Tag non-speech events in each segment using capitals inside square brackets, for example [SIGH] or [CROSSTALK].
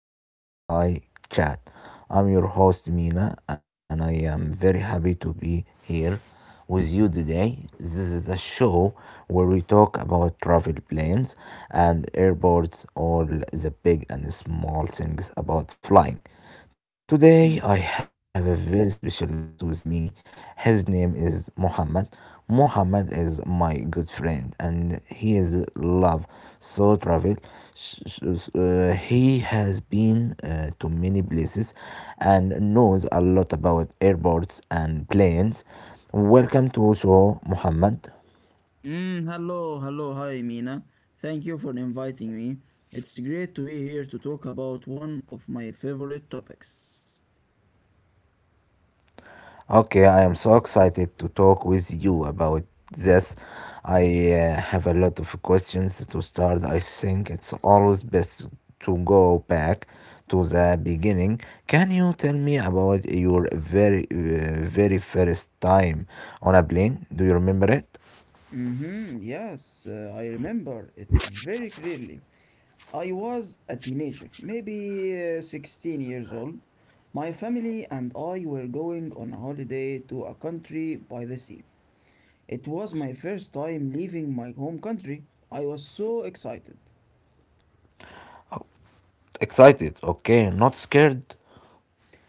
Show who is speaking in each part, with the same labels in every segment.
Speaker 1: to Sky High Chat. I'm your host, Mina, and I am very happy to be here with you today. This is a show where we talk about travel plans and airports, all the big and small things about flying. Today I have a very special guest with me. His name is Muhammad. Muhammad is my good friend and he is love so travel. He has been to many places and knows a lot about airports and planes. Welcome to show Muhammad.
Speaker 2: Hello, hello, hi Mina. Thank you for inviting me. It's great to be here to talk about one of my favorite topics.
Speaker 1: Okay, I am so excited to talk with you about this. I have a lot of questions to start. I think it's always best to go back to the beginning. Can you tell me about your very first time on a plane? Do you remember it?
Speaker 2: Mm-hmm, yes, I remember it very clearly. I was a teenager, maybe 16 years old. My family and I were going on a holiday to a country by the sea. It was my first time leaving my home country. I was so excited.
Speaker 1: Excited, okay, not scared.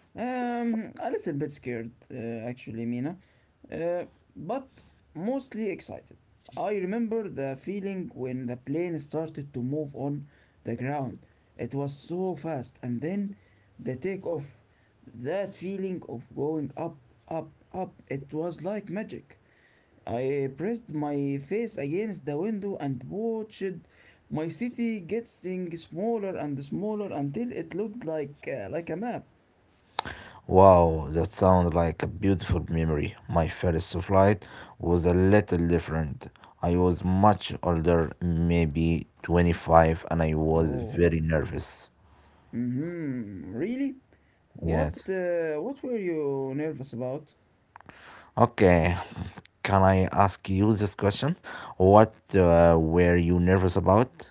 Speaker 2: A little bit scared, actually, Mina, uh, but mostly excited. I remember the feeling when the plane started to move on the ground. It was so fast, and then the takeoff. That feeling of going up, up, up, it was like magic. I pressed my face against the window and watched my city getting smaller and smaller until it looked like a map.
Speaker 1: Wow, that sounds like a beautiful memory. My first flight was a little different. I was much older, maybe 25, and I was
Speaker 2: Oh.
Speaker 1: very nervous.
Speaker 2: Mhm. Really? What
Speaker 1: Yes.
Speaker 2: uh, what were you nervous about?
Speaker 1: Okay, can I ask you this question? What were you nervous about?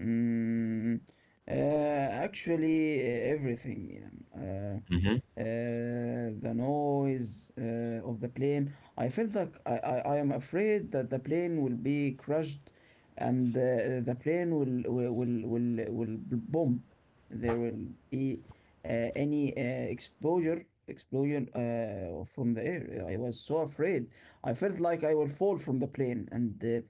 Speaker 2: Mm, actually, everything, you know.
Speaker 1: hmm
Speaker 2: The noise of the plane. I felt like I am afraid that the plane will be crushed and the plane will bomb. There will be any exposure explosion from the air. I was so afraid. I felt like I will fall from the plane and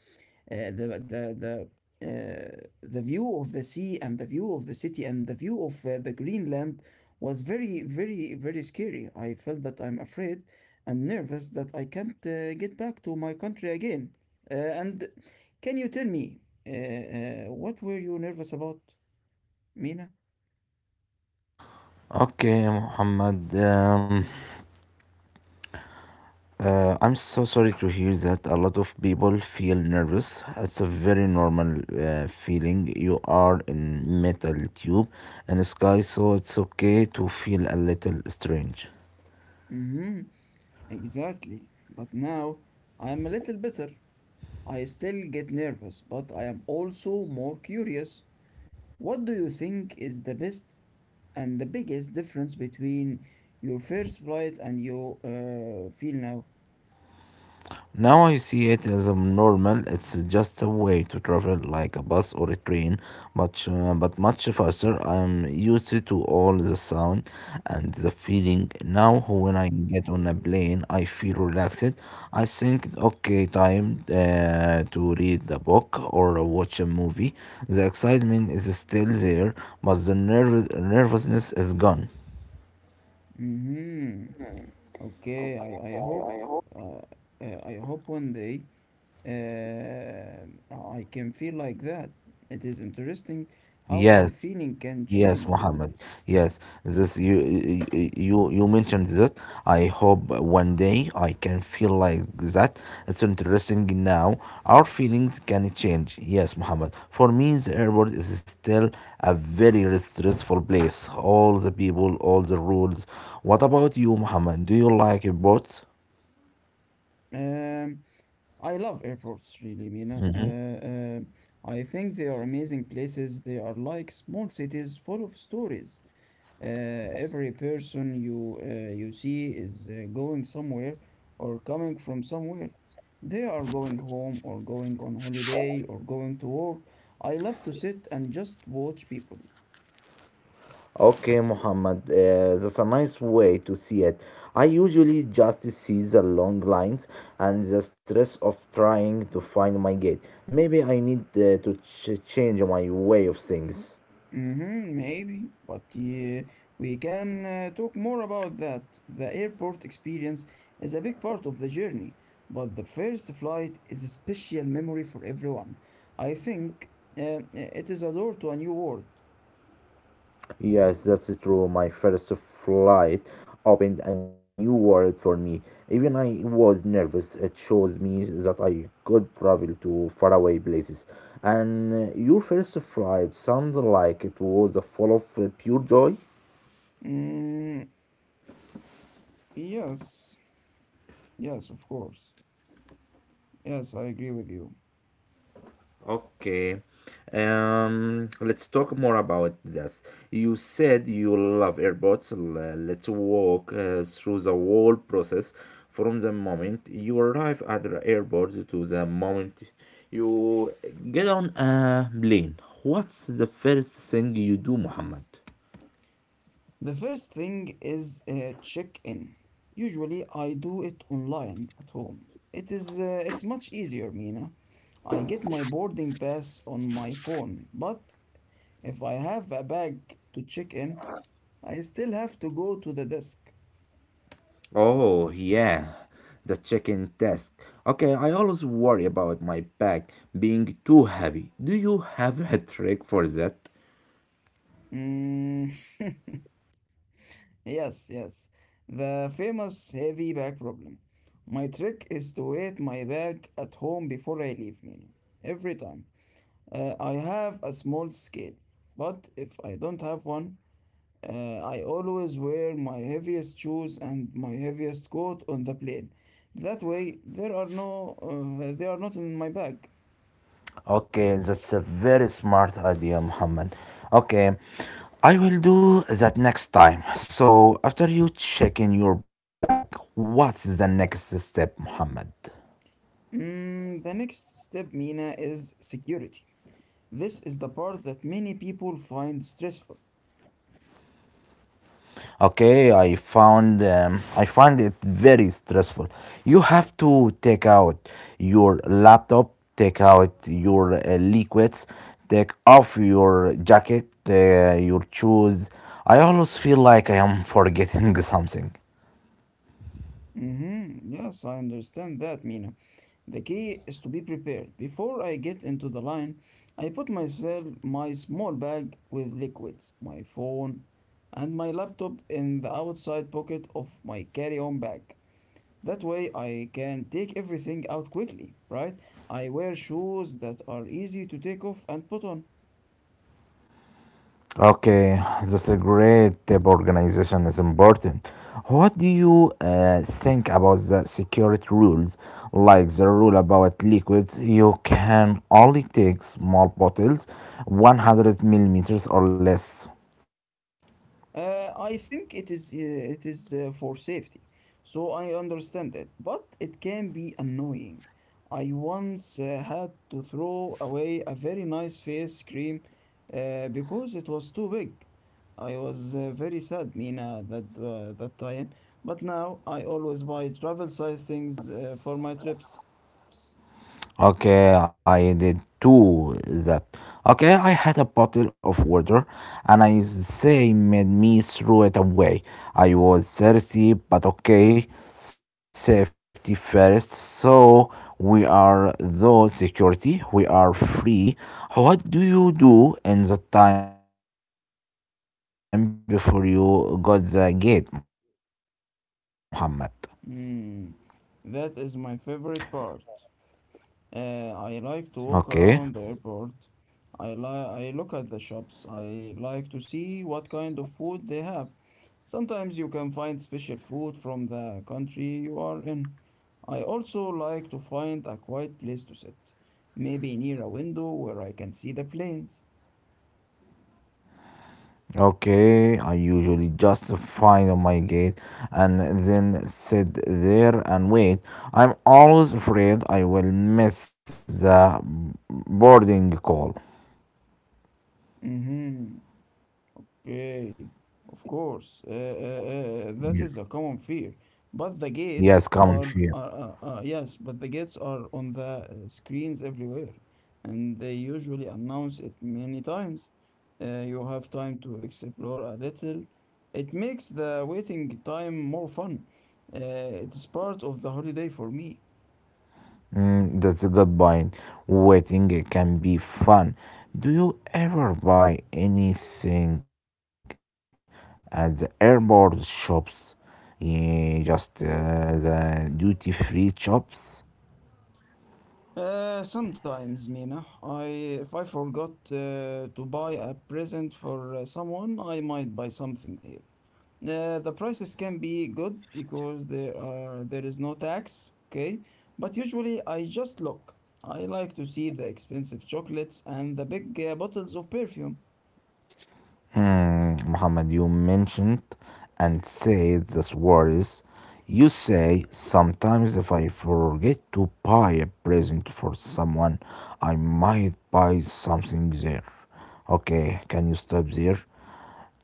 Speaker 2: uh, the the the the view of the sea and the view of the city and the view of the Greenland was very very very scary. I felt that I'm afraid and nervous that I can't get back to my country again. And can you tell me what were you nervous about, Mina?
Speaker 1: Okay, Muhammad. I'm so sorry to hear that a lot of people feel nervous. It's a very normal feeling. You are in metal tube and sky, so it's okay to feel a little strange.
Speaker 2: Mm-hmm. Exactly. But now I am a little better. I still get nervous, but I am also more curious. What do you think is the best and the biggest difference between your first flight and your feel now?
Speaker 1: Now I see it as a normal. It's just a way to travel like a bus or a train, much but much faster. I'm used to all the sound and the feeling. Now when I get on a plane, I feel relaxed. I think, okay, time to read a book or watch a movie. The excitement is still there, but the nervousness is gone.
Speaker 2: Mm-hmm. Okay,
Speaker 1: Okay,
Speaker 2: I
Speaker 1: I,
Speaker 2: hope
Speaker 1: I hope.
Speaker 2: uh, I hope one day I can feel like that. It is interesting how our
Speaker 1: Yes,
Speaker 2: feeling can
Speaker 1: yes,
Speaker 2: change.
Speaker 1: Mohammed. Yes, this you mentioned that. I hope one day I can feel like that. It's interesting now. Our feelings can change. Yes, Mohammed. For me, the airport is still a very stressful place. All the people, all the rules. What about you, Mohammed? Do you like airports?
Speaker 2: Um, I love airports really, Mina. I think they are amazing places. They are like small cities full of stories. Uh, every person you see is going somewhere or coming from somewhere. They are going home or going on holiday or going to work. I love to sit and just watch people.
Speaker 1: Okay, Muhammad, that's a nice way to see it. I usually just see the long lines and the stress of trying to find my gate. Maybe I need to change my way of things.
Speaker 2: Mm-hmm, maybe, but yeah, we can talk more about that. The airport experience is a big part of the journey, but the first flight is a special memory for everyone. I think it is a door to a new world.
Speaker 1: Yes, that's true. My first flight opened a new world for me. Even I was nervous. It shows me that I could travel to faraway places. And your first flight sounded like it was full of pure joy.
Speaker 2: Mm, yes, yes, of course. Yes, I agree with you.
Speaker 1: Okay. Let's talk more about this. You said you love airports. Let's walk through the whole process from the moment you arrive at the airport to the moment you get on a plane. What's the first thing you do, Muhammad?
Speaker 2: The first thing is check-in. Usually, I do it online at home. It's much easier, Mina. I get my boarding pass on my phone, but if I have a bag to check in, I still have to go to the desk.
Speaker 1: Oh, yeah, the check-in desk. Okay, I always worry about my bag being too heavy. Do you have a trick for that?
Speaker 2: Mm, [LAUGHS] yes, yes. The famous heavy bag problem. My trick is to weight my bag at home before I leave, meaning every time. I have a small scale, but if I don't have one, I always wear my heaviest shoes and my heaviest coat on the plane. That way, there are no, they are not in my bag.
Speaker 1: Okay, that's a very smart idea, Muhammad. Okay, I will do that next time. So, after you check in your bag, what's the next step, Muhammad?
Speaker 2: Mm, the next step, Mina, is security. This is the part that many people find stressful.
Speaker 1: Okay, I found I find it very stressful. You have to take out your laptop, take out your liquids, take off your jacket, your shoes. I always feel like I am forgetting [LAUGHS] something.
Speaker 2: Mm-hmm. Yes, I understand that, Mina. The key is to be prepared. Before I get into the line, I put myself my small bag with liquids, my phone, and my laptop in the outside pocket of my carry-on bag. That way I can take everything out quickly, right? I wear shoes that are easy to take off and put on.
Speaker 1: Okay, that's a great tip. Organization is important. What do you think about the security rules, like the rule about liquids? You can only take small bottles, 100 milliliters or less.
Speaker 2: I think it is for safety, so I understand it, but it can be annoying. I once had to throw away a very nice face cream because it was too big. I was very sad, Mina, that time. But now I always buy travel size things for my trips.
Speaker 1: Okay, I did too that. Okay, I had a bottle of water and I say made me throw it away. I was thirsty, but okay, safety first. So we are though security, we are free. What do you do in the time before you got the gate, Muhammad?
Speaker 2: Mm, that is my favorite part. I like to walk around the airport. I
Speaker 1: Okay.
Speaker 2: look at the shops. I like to see what kind of food they have. Sometimes you can find special food from the country you are in. I also like to find a quiet place to sit, maybe near a window where I can see the planes.
Speaker 1: Okay, I usually just find on my gate and then sit there and wait. I'm always afraid I will miss the boarding call.
Speaker 2: Mm-hmm. Okay, of course, that
Speaker 1: Yeah.
Speaker 2: is a common fear. But the gates
Speaker 1: Yes, common fear.
Speaker 2: are yes, but the gates are on the screens everywhere, and they usually announce it many times. You have time to explore a little. It makes the waiting time more fun. Uh, it is part of the holiday for me.
Speaker 1: Mm, that's a good point. Waiting can be fun. Do you ever buy anything at the airport shops? Yeah, just the duty free shops?
Speaker 2: Sometimes, Mina, I if I forgot to buy a present for someone, I might buy something here. The prices can be good because there is no tax, okay? But usually I just look. I like to see the expensive chocolates and the big bottles of perfume.
Speaker 1: Hmm, Muhammad, you mentioned and said this words. You say sometimes if I forget to buy a present for someone, I might buy something there. Okay, can you stop there?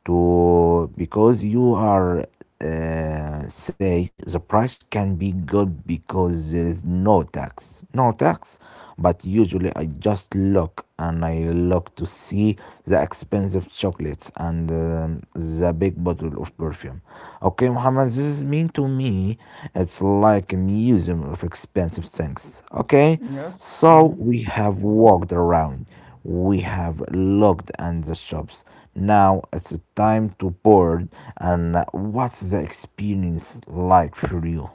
Speaker 1: To because you are say the price can be good because there is no tax but usually I just look and I look to see the expensive chocolates and the big bottle of perfume. Okay, Muhammad, this is mean to me. It's like a museum of expensive things. Okay,
Speaker 2: Yes.
Speaker 1: so
Speaker 2: Hmm.
Speaker 1: we have walked around, we have looked at the shops. Now it's time to board. And what's the experience like for you?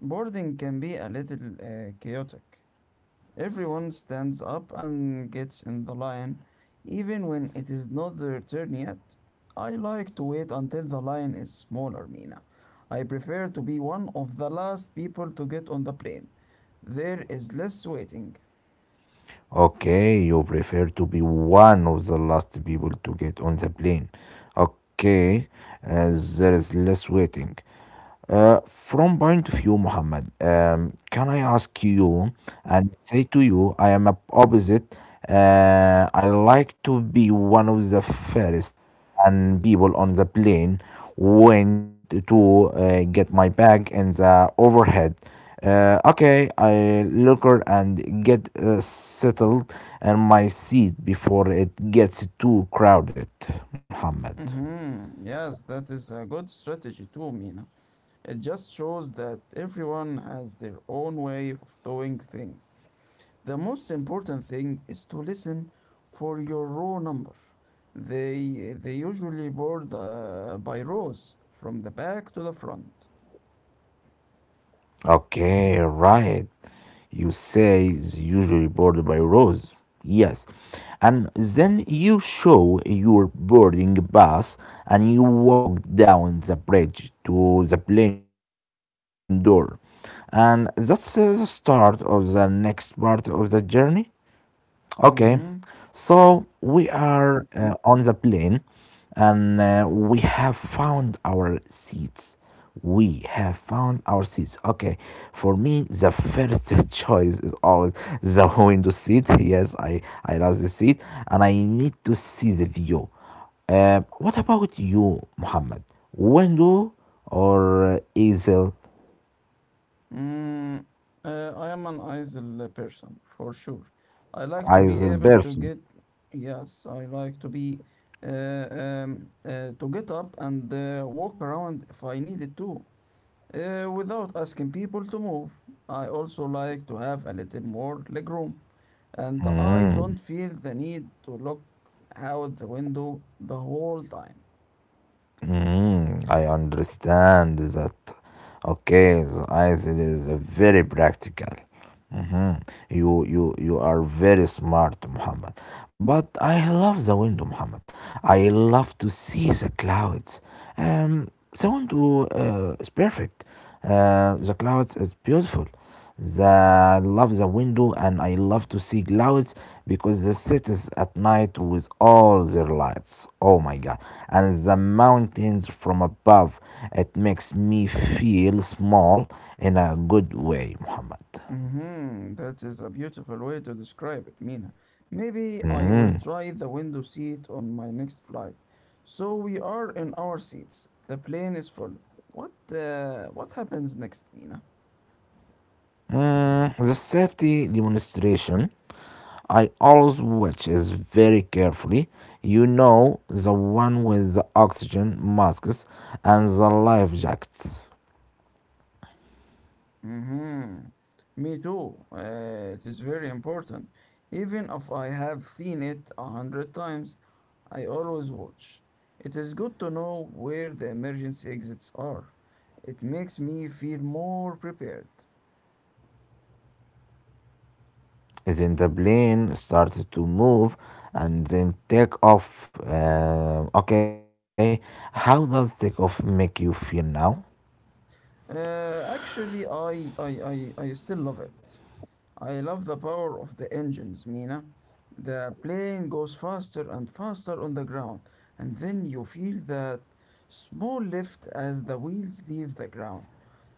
Speaker 2: Boarding can be a little chaotic. Everyone stands up and gets in the line, even when it is not their turn yet. I like to wait until the line is smaller, Mina. I prefer to be one of the last people to get on the plane. There is less waiting.
Speaker 1: Okay, you prefer to be one of the last people to get on the plane. Okay, there is less waiting. From point of view, Muhammad, can I ask you and say to you, I am a opposite. I like to be one of the first and people on the plane went to get my bag in the overhead. Okay, I look and get settled in my seat before it gets too crowded, Muhammad.
Speaker 2: Mm-hmm. Yes, that is a good strategy too, Mina. It just shows that everyone has their own way of doing things. The most important thing is to listen for your row number. They usually board by rows from the back to the front.
Speaker 1: Okay, right. You say it's usually bordered by rows. Yes. And then you show your boarding pass and you walk down the bridge to the plane door. And that's the start of the next part of the journey. Okay,
Speaker 2: Mm-hmm.
Speaker 1: so we are on the plane and we have found our seats. We have found our seats. Okay, for me, the first [LAUGHS] choice is always the window seat. Yes, I love the seat and I need to see the view. What about you, Muhammad? Window or easel,
Speaker 2: Mm, I am an idle person for sure. I like to be
Speaker 1: easel
Speaker 2: able to
Speaker 1: person?
Speaker 2: get, yes, I like to be to get up and walk around if I needed to, without asking people to move. I also like to have a little more legroom, and I don't feel the need to look out the window the whole time.
Speaker 1: Mm, I understand that. Okay, the ice is very practical. Mhm. You are very smart, Muhammad. But I love the window, Muhammad. I love to see the clouds. Um, the window is perfect. The clouds is beautiful. The I love the window and I love to see clouds because the cities at night with all their lights. Oh my God! And the mountains from above. It makes me feel small in a good way, Muhammad.
Speaker 2: Mhm, that is a beautiful way to describe it, Mina. Maybe
Speaker 1: Mhm.
Speaker 2: I will try the window seat on my next flight. So we are in our seats. The plane is full. What happens next, Mina?
Speaker 1: Mm, the safety demonstration I always watch is very carefully. You know, the one with the oxygen masks and the life jackets.
Speaker 2: Mm-hmm. Me too. It is very important. Even if I have seen it a hundred times, I always watch. It is good to know where the emergency exits are. It makes me feel more prepared.
Speaker 1: Then the plane started to move and then take off. Okay, how does take off make you feel now?
Speaker 2: Actually, I still love it. I love the power of the engines, Mina. The plane goes faster and faster on the ground, and then you feel that small lift as the wheels leave the ground.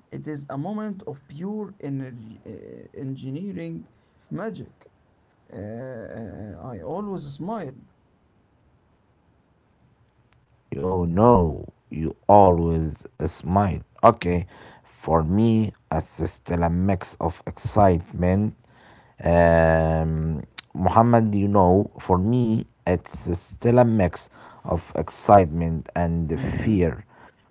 Speaker 2: It is a moment of pure energy, engineering magic. Uh, I always smile.
Speaker 1: Oh no, you always smile. Okay, for me, it's still a mix of excitement. Um, Muhammad, you know, for me, it's still a mix of excitement and
Speaker 2: Mm-hmm.
Speaker 1: fear.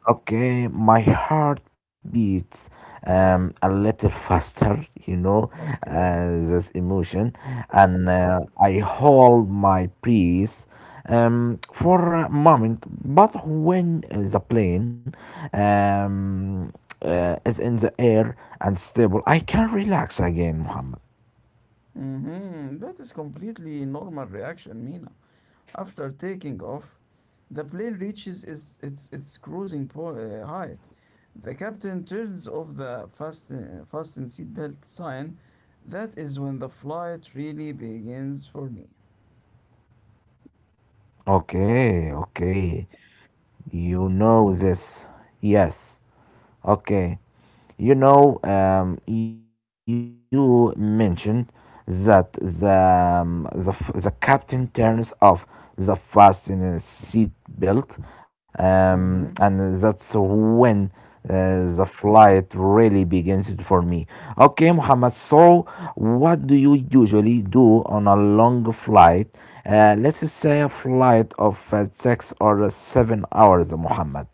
Speaker 1: Okay, my heart beats a little faster, you know,
Speaker 2: Okay.
Speaker 1: this emotion, and I hold my breath for a moment. But when the plane um, is in the air and stable, I can relax again, Muhammad.
Speaker 2: Mm-hmm. That is completely normal reaction, Mina. After taking off, the plane reaches its cruising height. The captain turns off the fasten seatbelt sign. That is when the flight really begins for me.
Speaker 1: Okay, okay. You know this. Yes. Okay. You know, you mentioned that the captain turns off the fasten seat belt,
Speaker 2: Hmm.
Speaker 1: and that's when the flight really begins for me. Okay, Muhammad, so what do you usually do on a long flight? Let's say a flight of 6 or 7 hours, Muhammad.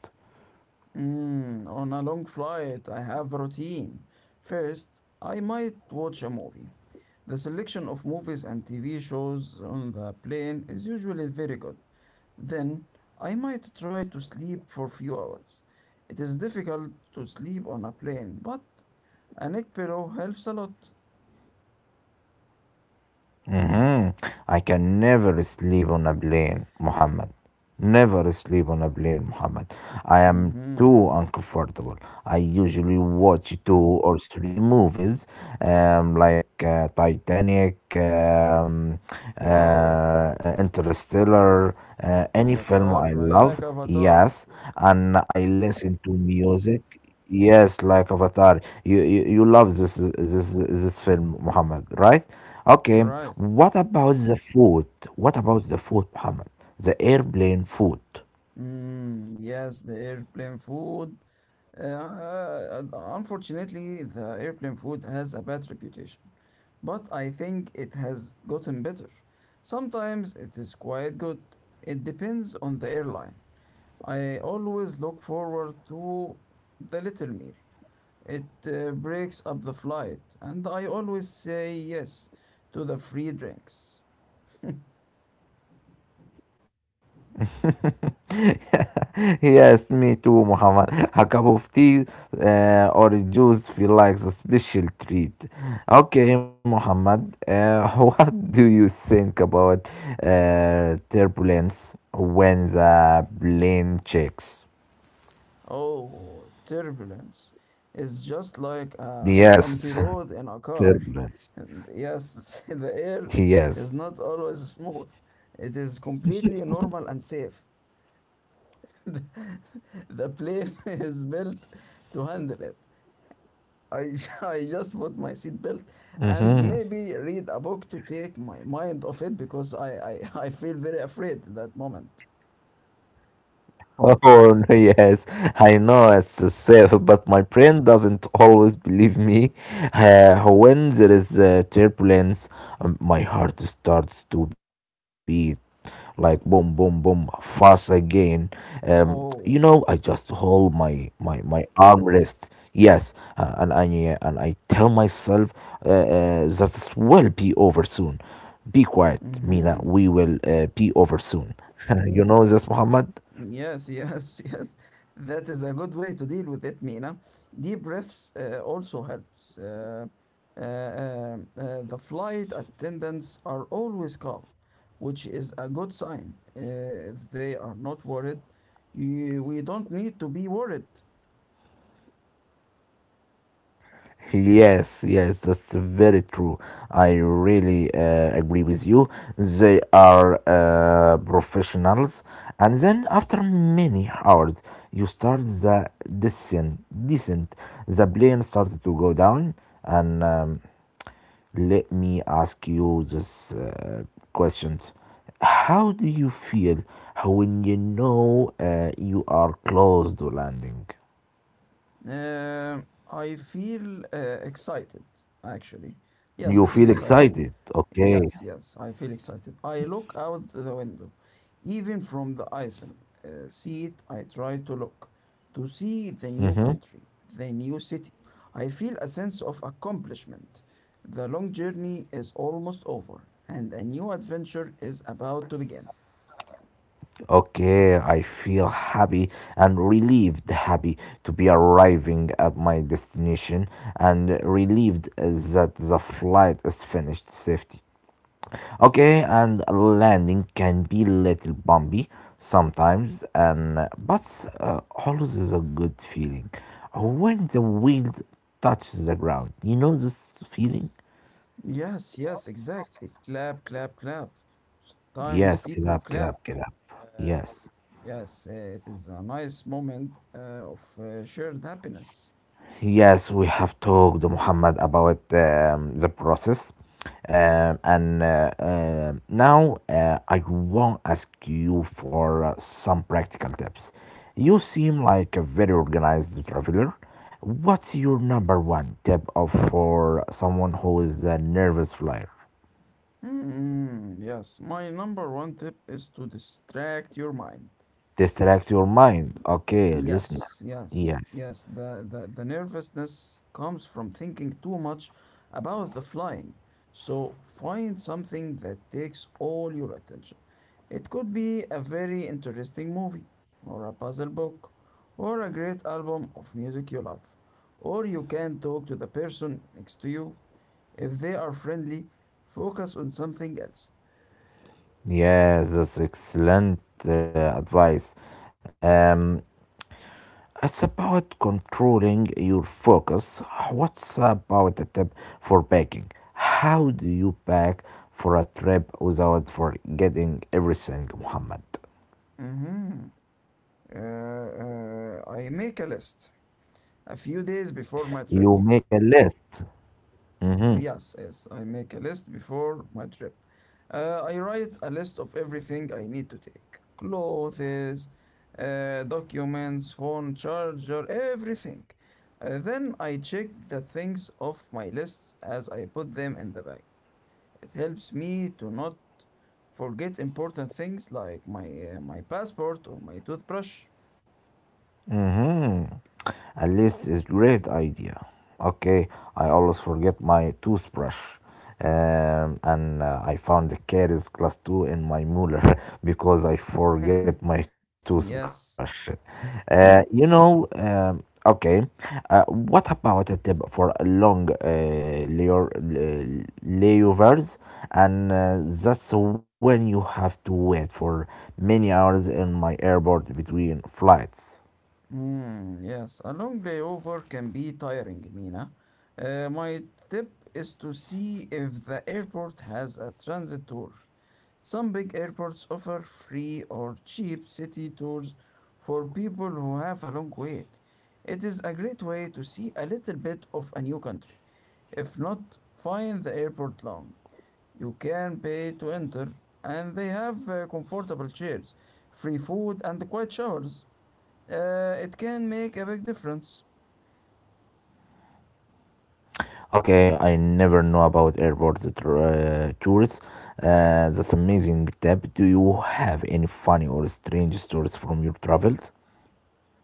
Speaker 2: Mm, on a long flight, I have routine. First, I might watch a movie. The selection of movies and TV shows on the plane is usually very good. Then I might try to sleep for few hours. It is difficult to sleep on a plane, but a neck pillow helps a lot.
Speaker 1: Mhm. I can never sleep on a plane, Muhammad. Never sleep on a plane, Muhammad. I am
Speaker 2: Mm-hmm.
Speaker 1: too uncomfortable. I usually watch two or three movies, like Titanic,
Speaker 2: Wow.
Speaker 1: Interstellar, any film I
Speaker 2: Avatar. I
Speaker 1: love,
Speaker 2: like Avatar.
Speaker 1: yes, and I listen to music. Yes, like Avatar. You love this this this film, Muhammad, right? Okay.
Speaker 2: Right.
Speaker 1: What about the food? What about the food, Muhammad? The airplane food.
Speaker 2: Mm, yes, the airplane food. Uh, Unfortunately, the airplane food has a bad reputation, but I think it has gotten better. Sometimes it is quite good. It depends on the airline. I always look forward to the little meal. It breaks up the flight, and I always say yes to the free drinks.
Speaker 1: [LAUGHS] Yes, me too, Muhammad. A cup of tea or juice feel like a special treat. Okay, Muhammad. [LAUGHS] What do you think about uh, turbulence when the plane checks?
Speaker 2: Oh, turbulence is just like a bumpy
Speaker 1: Yes,
Speaker 2: road
Speaker 1: [LAUGHS]
Speaker 2: in a car. [LAUGHS]
Speaker 1: turbulence.
Speaker 2: Yes, [LAUGHS] the
Speaker 1: [LAUGHS]
Speaker 2: air
Speaker 1: Yes.
Speaker 2: is not always smooth. It is completely normal and safe. [LAUGHS] The plane [LAUGHS] is built to handle it. I, [LAUGHS] I just put my seatbelt
Speaker 1: hmm
Speaker 2: and maybe read a book to take my mind off it because [LAUGHS] I feel very afraid at that moment.
Speaker 1: Oh, [LAUGHS] yes, I know it's safe, but my brain doesn't always believe me. When there is turbulence, my heart starts to beat like boom, boom, boom, fast again. Um,
Speaker 2: Oh.
Speaker 1: you know, I just hold my my armrest. Yes, and I tell myself that it will be over soon. Be quiet, Mina.
Speaker 2: Mm-hmm.
Speaker 1: We will be over soon. [LAUGHS] You know this, Muhammad.
Speaker 2: Yes, yes, [LAUGHS] yes. That is a good way to deal with it, Mina. Deep breaths also helps. The flight attendants are always calm, which is a good sign. If they are not worried, we don't need to be worried.
Speaker 1: Yes, yes, that's very true. I really agree with you. They are professionals, and then after many hours, you start the descent. Descent. The plane started to go down, and let me ask you this question: How do you feel when you know you are close to landing?
Speaker 2: Uh, I feel excited, actually. Yes,
Speaker 1: You
Speaker 2: I feel
Speaker 1: feel
Speaker 2: excited.
Speaker 1: excited, okay?
Speaker 2: Yes, yes, I feel excited. I look out the window, even from the aisle seat. I try to look to see the new
Speaker 1: Mm-hmm.
Speaker 2: country, the new city. I feel a sense of accomplishment. The long journey is almost over, and a new adventure is about to begin.
Speaker 1: Okay, I feel happy and relieved, happy to be arriving at my destination and relieved that the flight is finished safely. Okay, and landing can be little bumpy sometimes and but always is a good feeling when the wheel touches the ground. You know this feeling?
Speaker 2: Yes, yes, exactly. Clap, clap, clap. Sometimes
Speaker 1: Yes,
Speaker 2: people
Speaker 1: clap,
Speaker 2: clap.
Speaker 1: clap, clap.
Speaker 2: Uh,
Speaker 1: Yes.
Speaker 2: yes, it is a nice moment of shared happiness.
Speaker 1: Yes, we have talked, Muhammad, about the process. And Now I want to ask you for some practical tips. You seem like a very organized traveler. What's your number one tip of for someone who is a nervous flyer?
Speaker 2: Yes, my number one tip is to distract your mind.
Speaker 1: Distract your mind. Okay,
Speaker 2: Yes,
Speaker 1: listener.
Speaker 2: yes,
Speaker 1: Yes.
Speaker 2: yes. The nervousness comes from thinking too much about the flying. So find something that takes all your attention. It could be a very interesting movie, or a puzzle book, or a great album of music you love. Or you can talk to the person next to you. If they are friendly, focus on something else.
Speaker 1: Yes, that's excellent advice. Um, It's about controlling your focus. What's about a tip for packing? How do you pack for a trip without forgetting everything, Muhammad?
Speaker 2: Mm-hmm. I make a list a few days before my trip.
Speaker 1: You make a list.
Speaker 2: Yes, yes, I make a list before my trip. I write a list of everything I need to take clothes, documents, phone charger, everything. Then I check the things off my list as I put them in the bag. It helps me to not forget important things like my passport or my toothbrush.
Speaker 1: Hmm, at least it's great idea. Okay, I always forget my toothbrush. And I found the caries class 2 in my Mueller [LAUGHS] because I forget
Speaker 2: [LAUGHS]
Speaker 1: my
Speaker 2: Yes.
Speaker 1: toothbrush. Uh, you know, um, okay, what about a tip for a long layovers? And That's when you have to wait for many hours in my airport between flights.
Speaker 2: Yes, a long layover can be tiring, Mina. My tip is to see if the airport has a transit tour. Some big airports offer free or cheap city tours for people who have a long wait. It is a great way to see a little bit of a new country. If not, find the airport long. You can pay to enter, and they have comfortable chairs, free food, and quiet showers. It can make a big difference.
Speaker 1: Okay, I never know about tours. That's amazing tip. Do you have any funny or strange stories from your travels?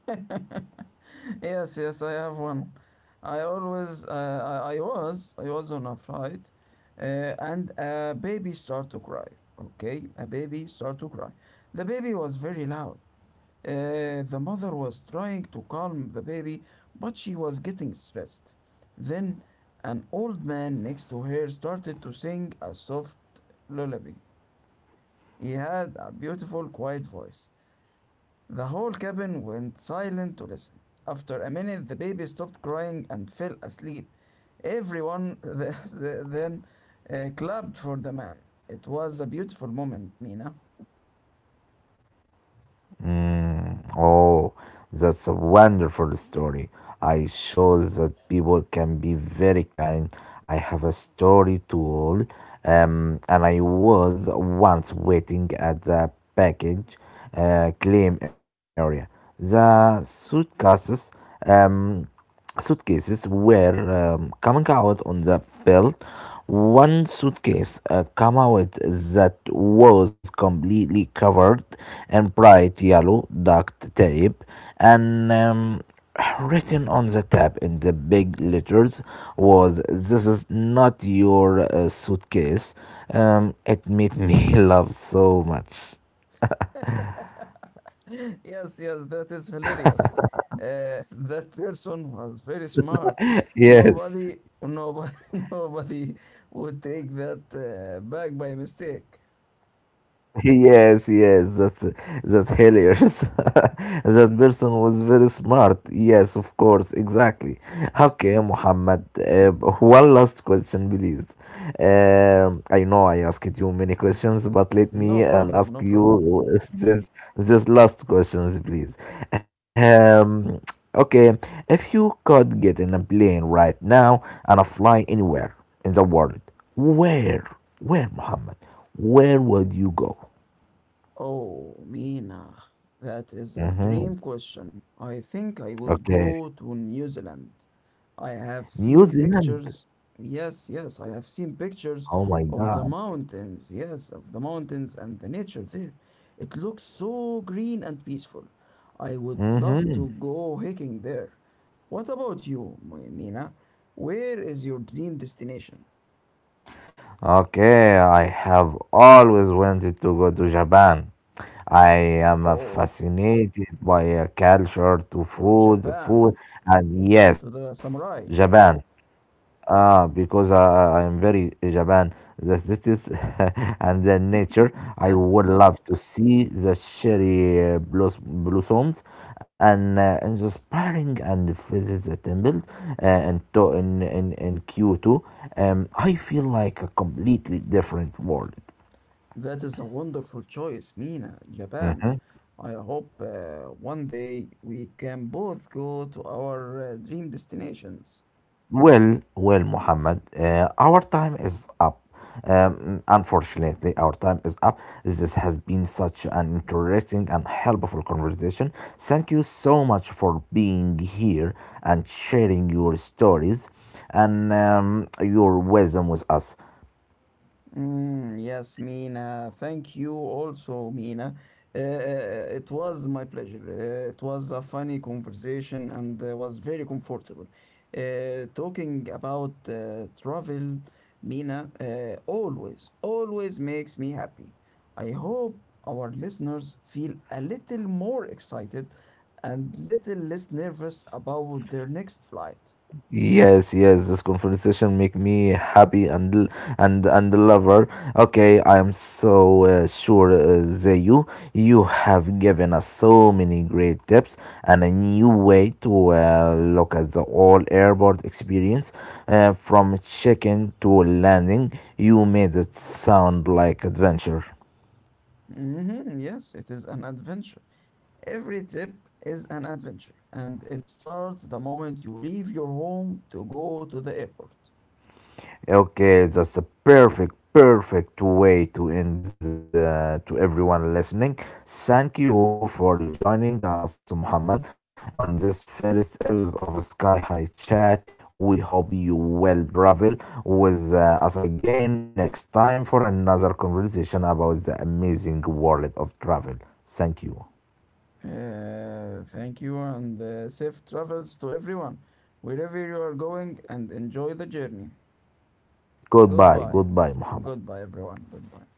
Speaker 2: [LAUGHS] Yes, yes, I have one. I always, I was on a flight, and a baby start to cry. Okay, a baby start to cry. The baby was very loud. The mother was trying to calm the baby, but she was getting stressed. Then an old man next to her started to sing a soft lullaby. He had a beautiful, quiet voice. The whole cabin went silent to listen. After a minute, the baby stopped crying and fell asleep. Everyone [LAUGHS] then clapped for the man. It was a beautiful moment, Mina.
Speaker 1: Mm, oh, that's a wonderful story. I shows that people can be very kind. I have a story to all. And I was once waiting at the package claim area. The suitcases. Um, Suitcases were coming out on the belt. One suitcase came out that was completely covered in bright yellow duct tape and written on the tab in the big letters was this is not your suitcase. It made me [LAUGHS] laugh so much.
Speaker 2: [LAUGHS] Yes, yes, that is hilarious. [LAUGHS] That person was very smart. Nobody,
Speaker 1: Yes.
Speaker 2: nobody, [LAUGHS] nobody would take that back by mistake.
Speaker 1: Yes, yes, that's hilarious. [LAUGHS] That person was very smart. Yes, of course, exactly. Okay, Muhammad. One last question, please. I know I asked you many questions, but let
Speaker 2: No
Speaker 1: me
Speaker 2: problem,
Speaker 1: and
Speaker 2: no
Speaker 1: ask
Speaker 2: problem.
Speaker 1: you this this last questions, please. Um, okay, If you could get in a plane right now and fly anywhere in the world, where, where, Muhammad? Where would you go?
Speaker 2: Oh, Mina, that is a dream
Speaker 1: Mm-hmm.
Speaker 2: question. I think I would
Speaker 1: Okay.
Speaker 2: go to New Zealand. I have
Speaker 1: New
Speaker 2: seen
Speaker 1: Zealand.
Speaker 2: pictures. Yes, yes, I have seen pictures
Speaker 1: Oh my
Speaker 2: of the
Speaker 1: God.
Speaker 2: mountains. Yes, of the mountains and the nature there. It looks so green and peaceful. I would love to
Speaker 1: Mm-hmm.
Speaker 2: go hiking there. What about you, Mina? Where is your dream destination?
Speaker 1: Okay, I have always wanted to go to Japan. I am
Speaker 2: Oh,
Speaker 1: fascinated
Speaker 2: Japan,
Speaker 1: by culture,
Speaker 2: to
Speaker 1: to
Speaker 2: the
Speaker 1: food,
Speaker 2: samurai.
Speaker 1: food, and yes, Japan. Ah, because I am very Japan, the cities [LAUGHS] and the nature. I would love to see the cherry blossoms and the inspiring and visit the temples and to in Kyoto. I feel like a completely different world.
Speaker 2: That is a wonderful choice, Mina, Japan. I hope one day we can both go to our dream destinations.
Speaker 1: Well, well, Muhammad, our time is up. Unfortunately, our time is up. This has been such an interesting and helpful conversation. Thank you so much for being here and sharing your stories and your wisdom with us.
Speaker 2: Yes, Mina. Thank you also, Mina. It was my pleasure. It was a funny conversation and was very comfortable. Talking about travel, Mina, always makes me happy. I hope our listeners feel a little more excited and little less nervous about their next flight.
Speaker 1: Yes, yes, this conversation make me happy and and the lover. Okay, I am so sure that you have given us so many great tips and a new way to look at the all airport experience, from check-in to landing. You made it sound like adventure.
Speaker 2: Mhm, yes, it is an adventure. Every trip is an adventure, and it starts the moment you leave your home to go to the airport.
Speaker 1: Okay, that's a perfect, perfect way to end the, to everyone listening. Thank you for joining us, Muhammad, on this first episode of Sky High Chat. We hope you will travel with us again next time for another conversation about the amazing world of travel. Thank you.
Speaker 2: Thank you, and safe travels to everyone, wherever you are going, and enjoy the journey.
Speaker 1: Goodbye,
Speaker 2: Goodbye.
Speaker 1: goodbye, Muhammad.
Speaker 2: Goodbye, everyone. Goodbye.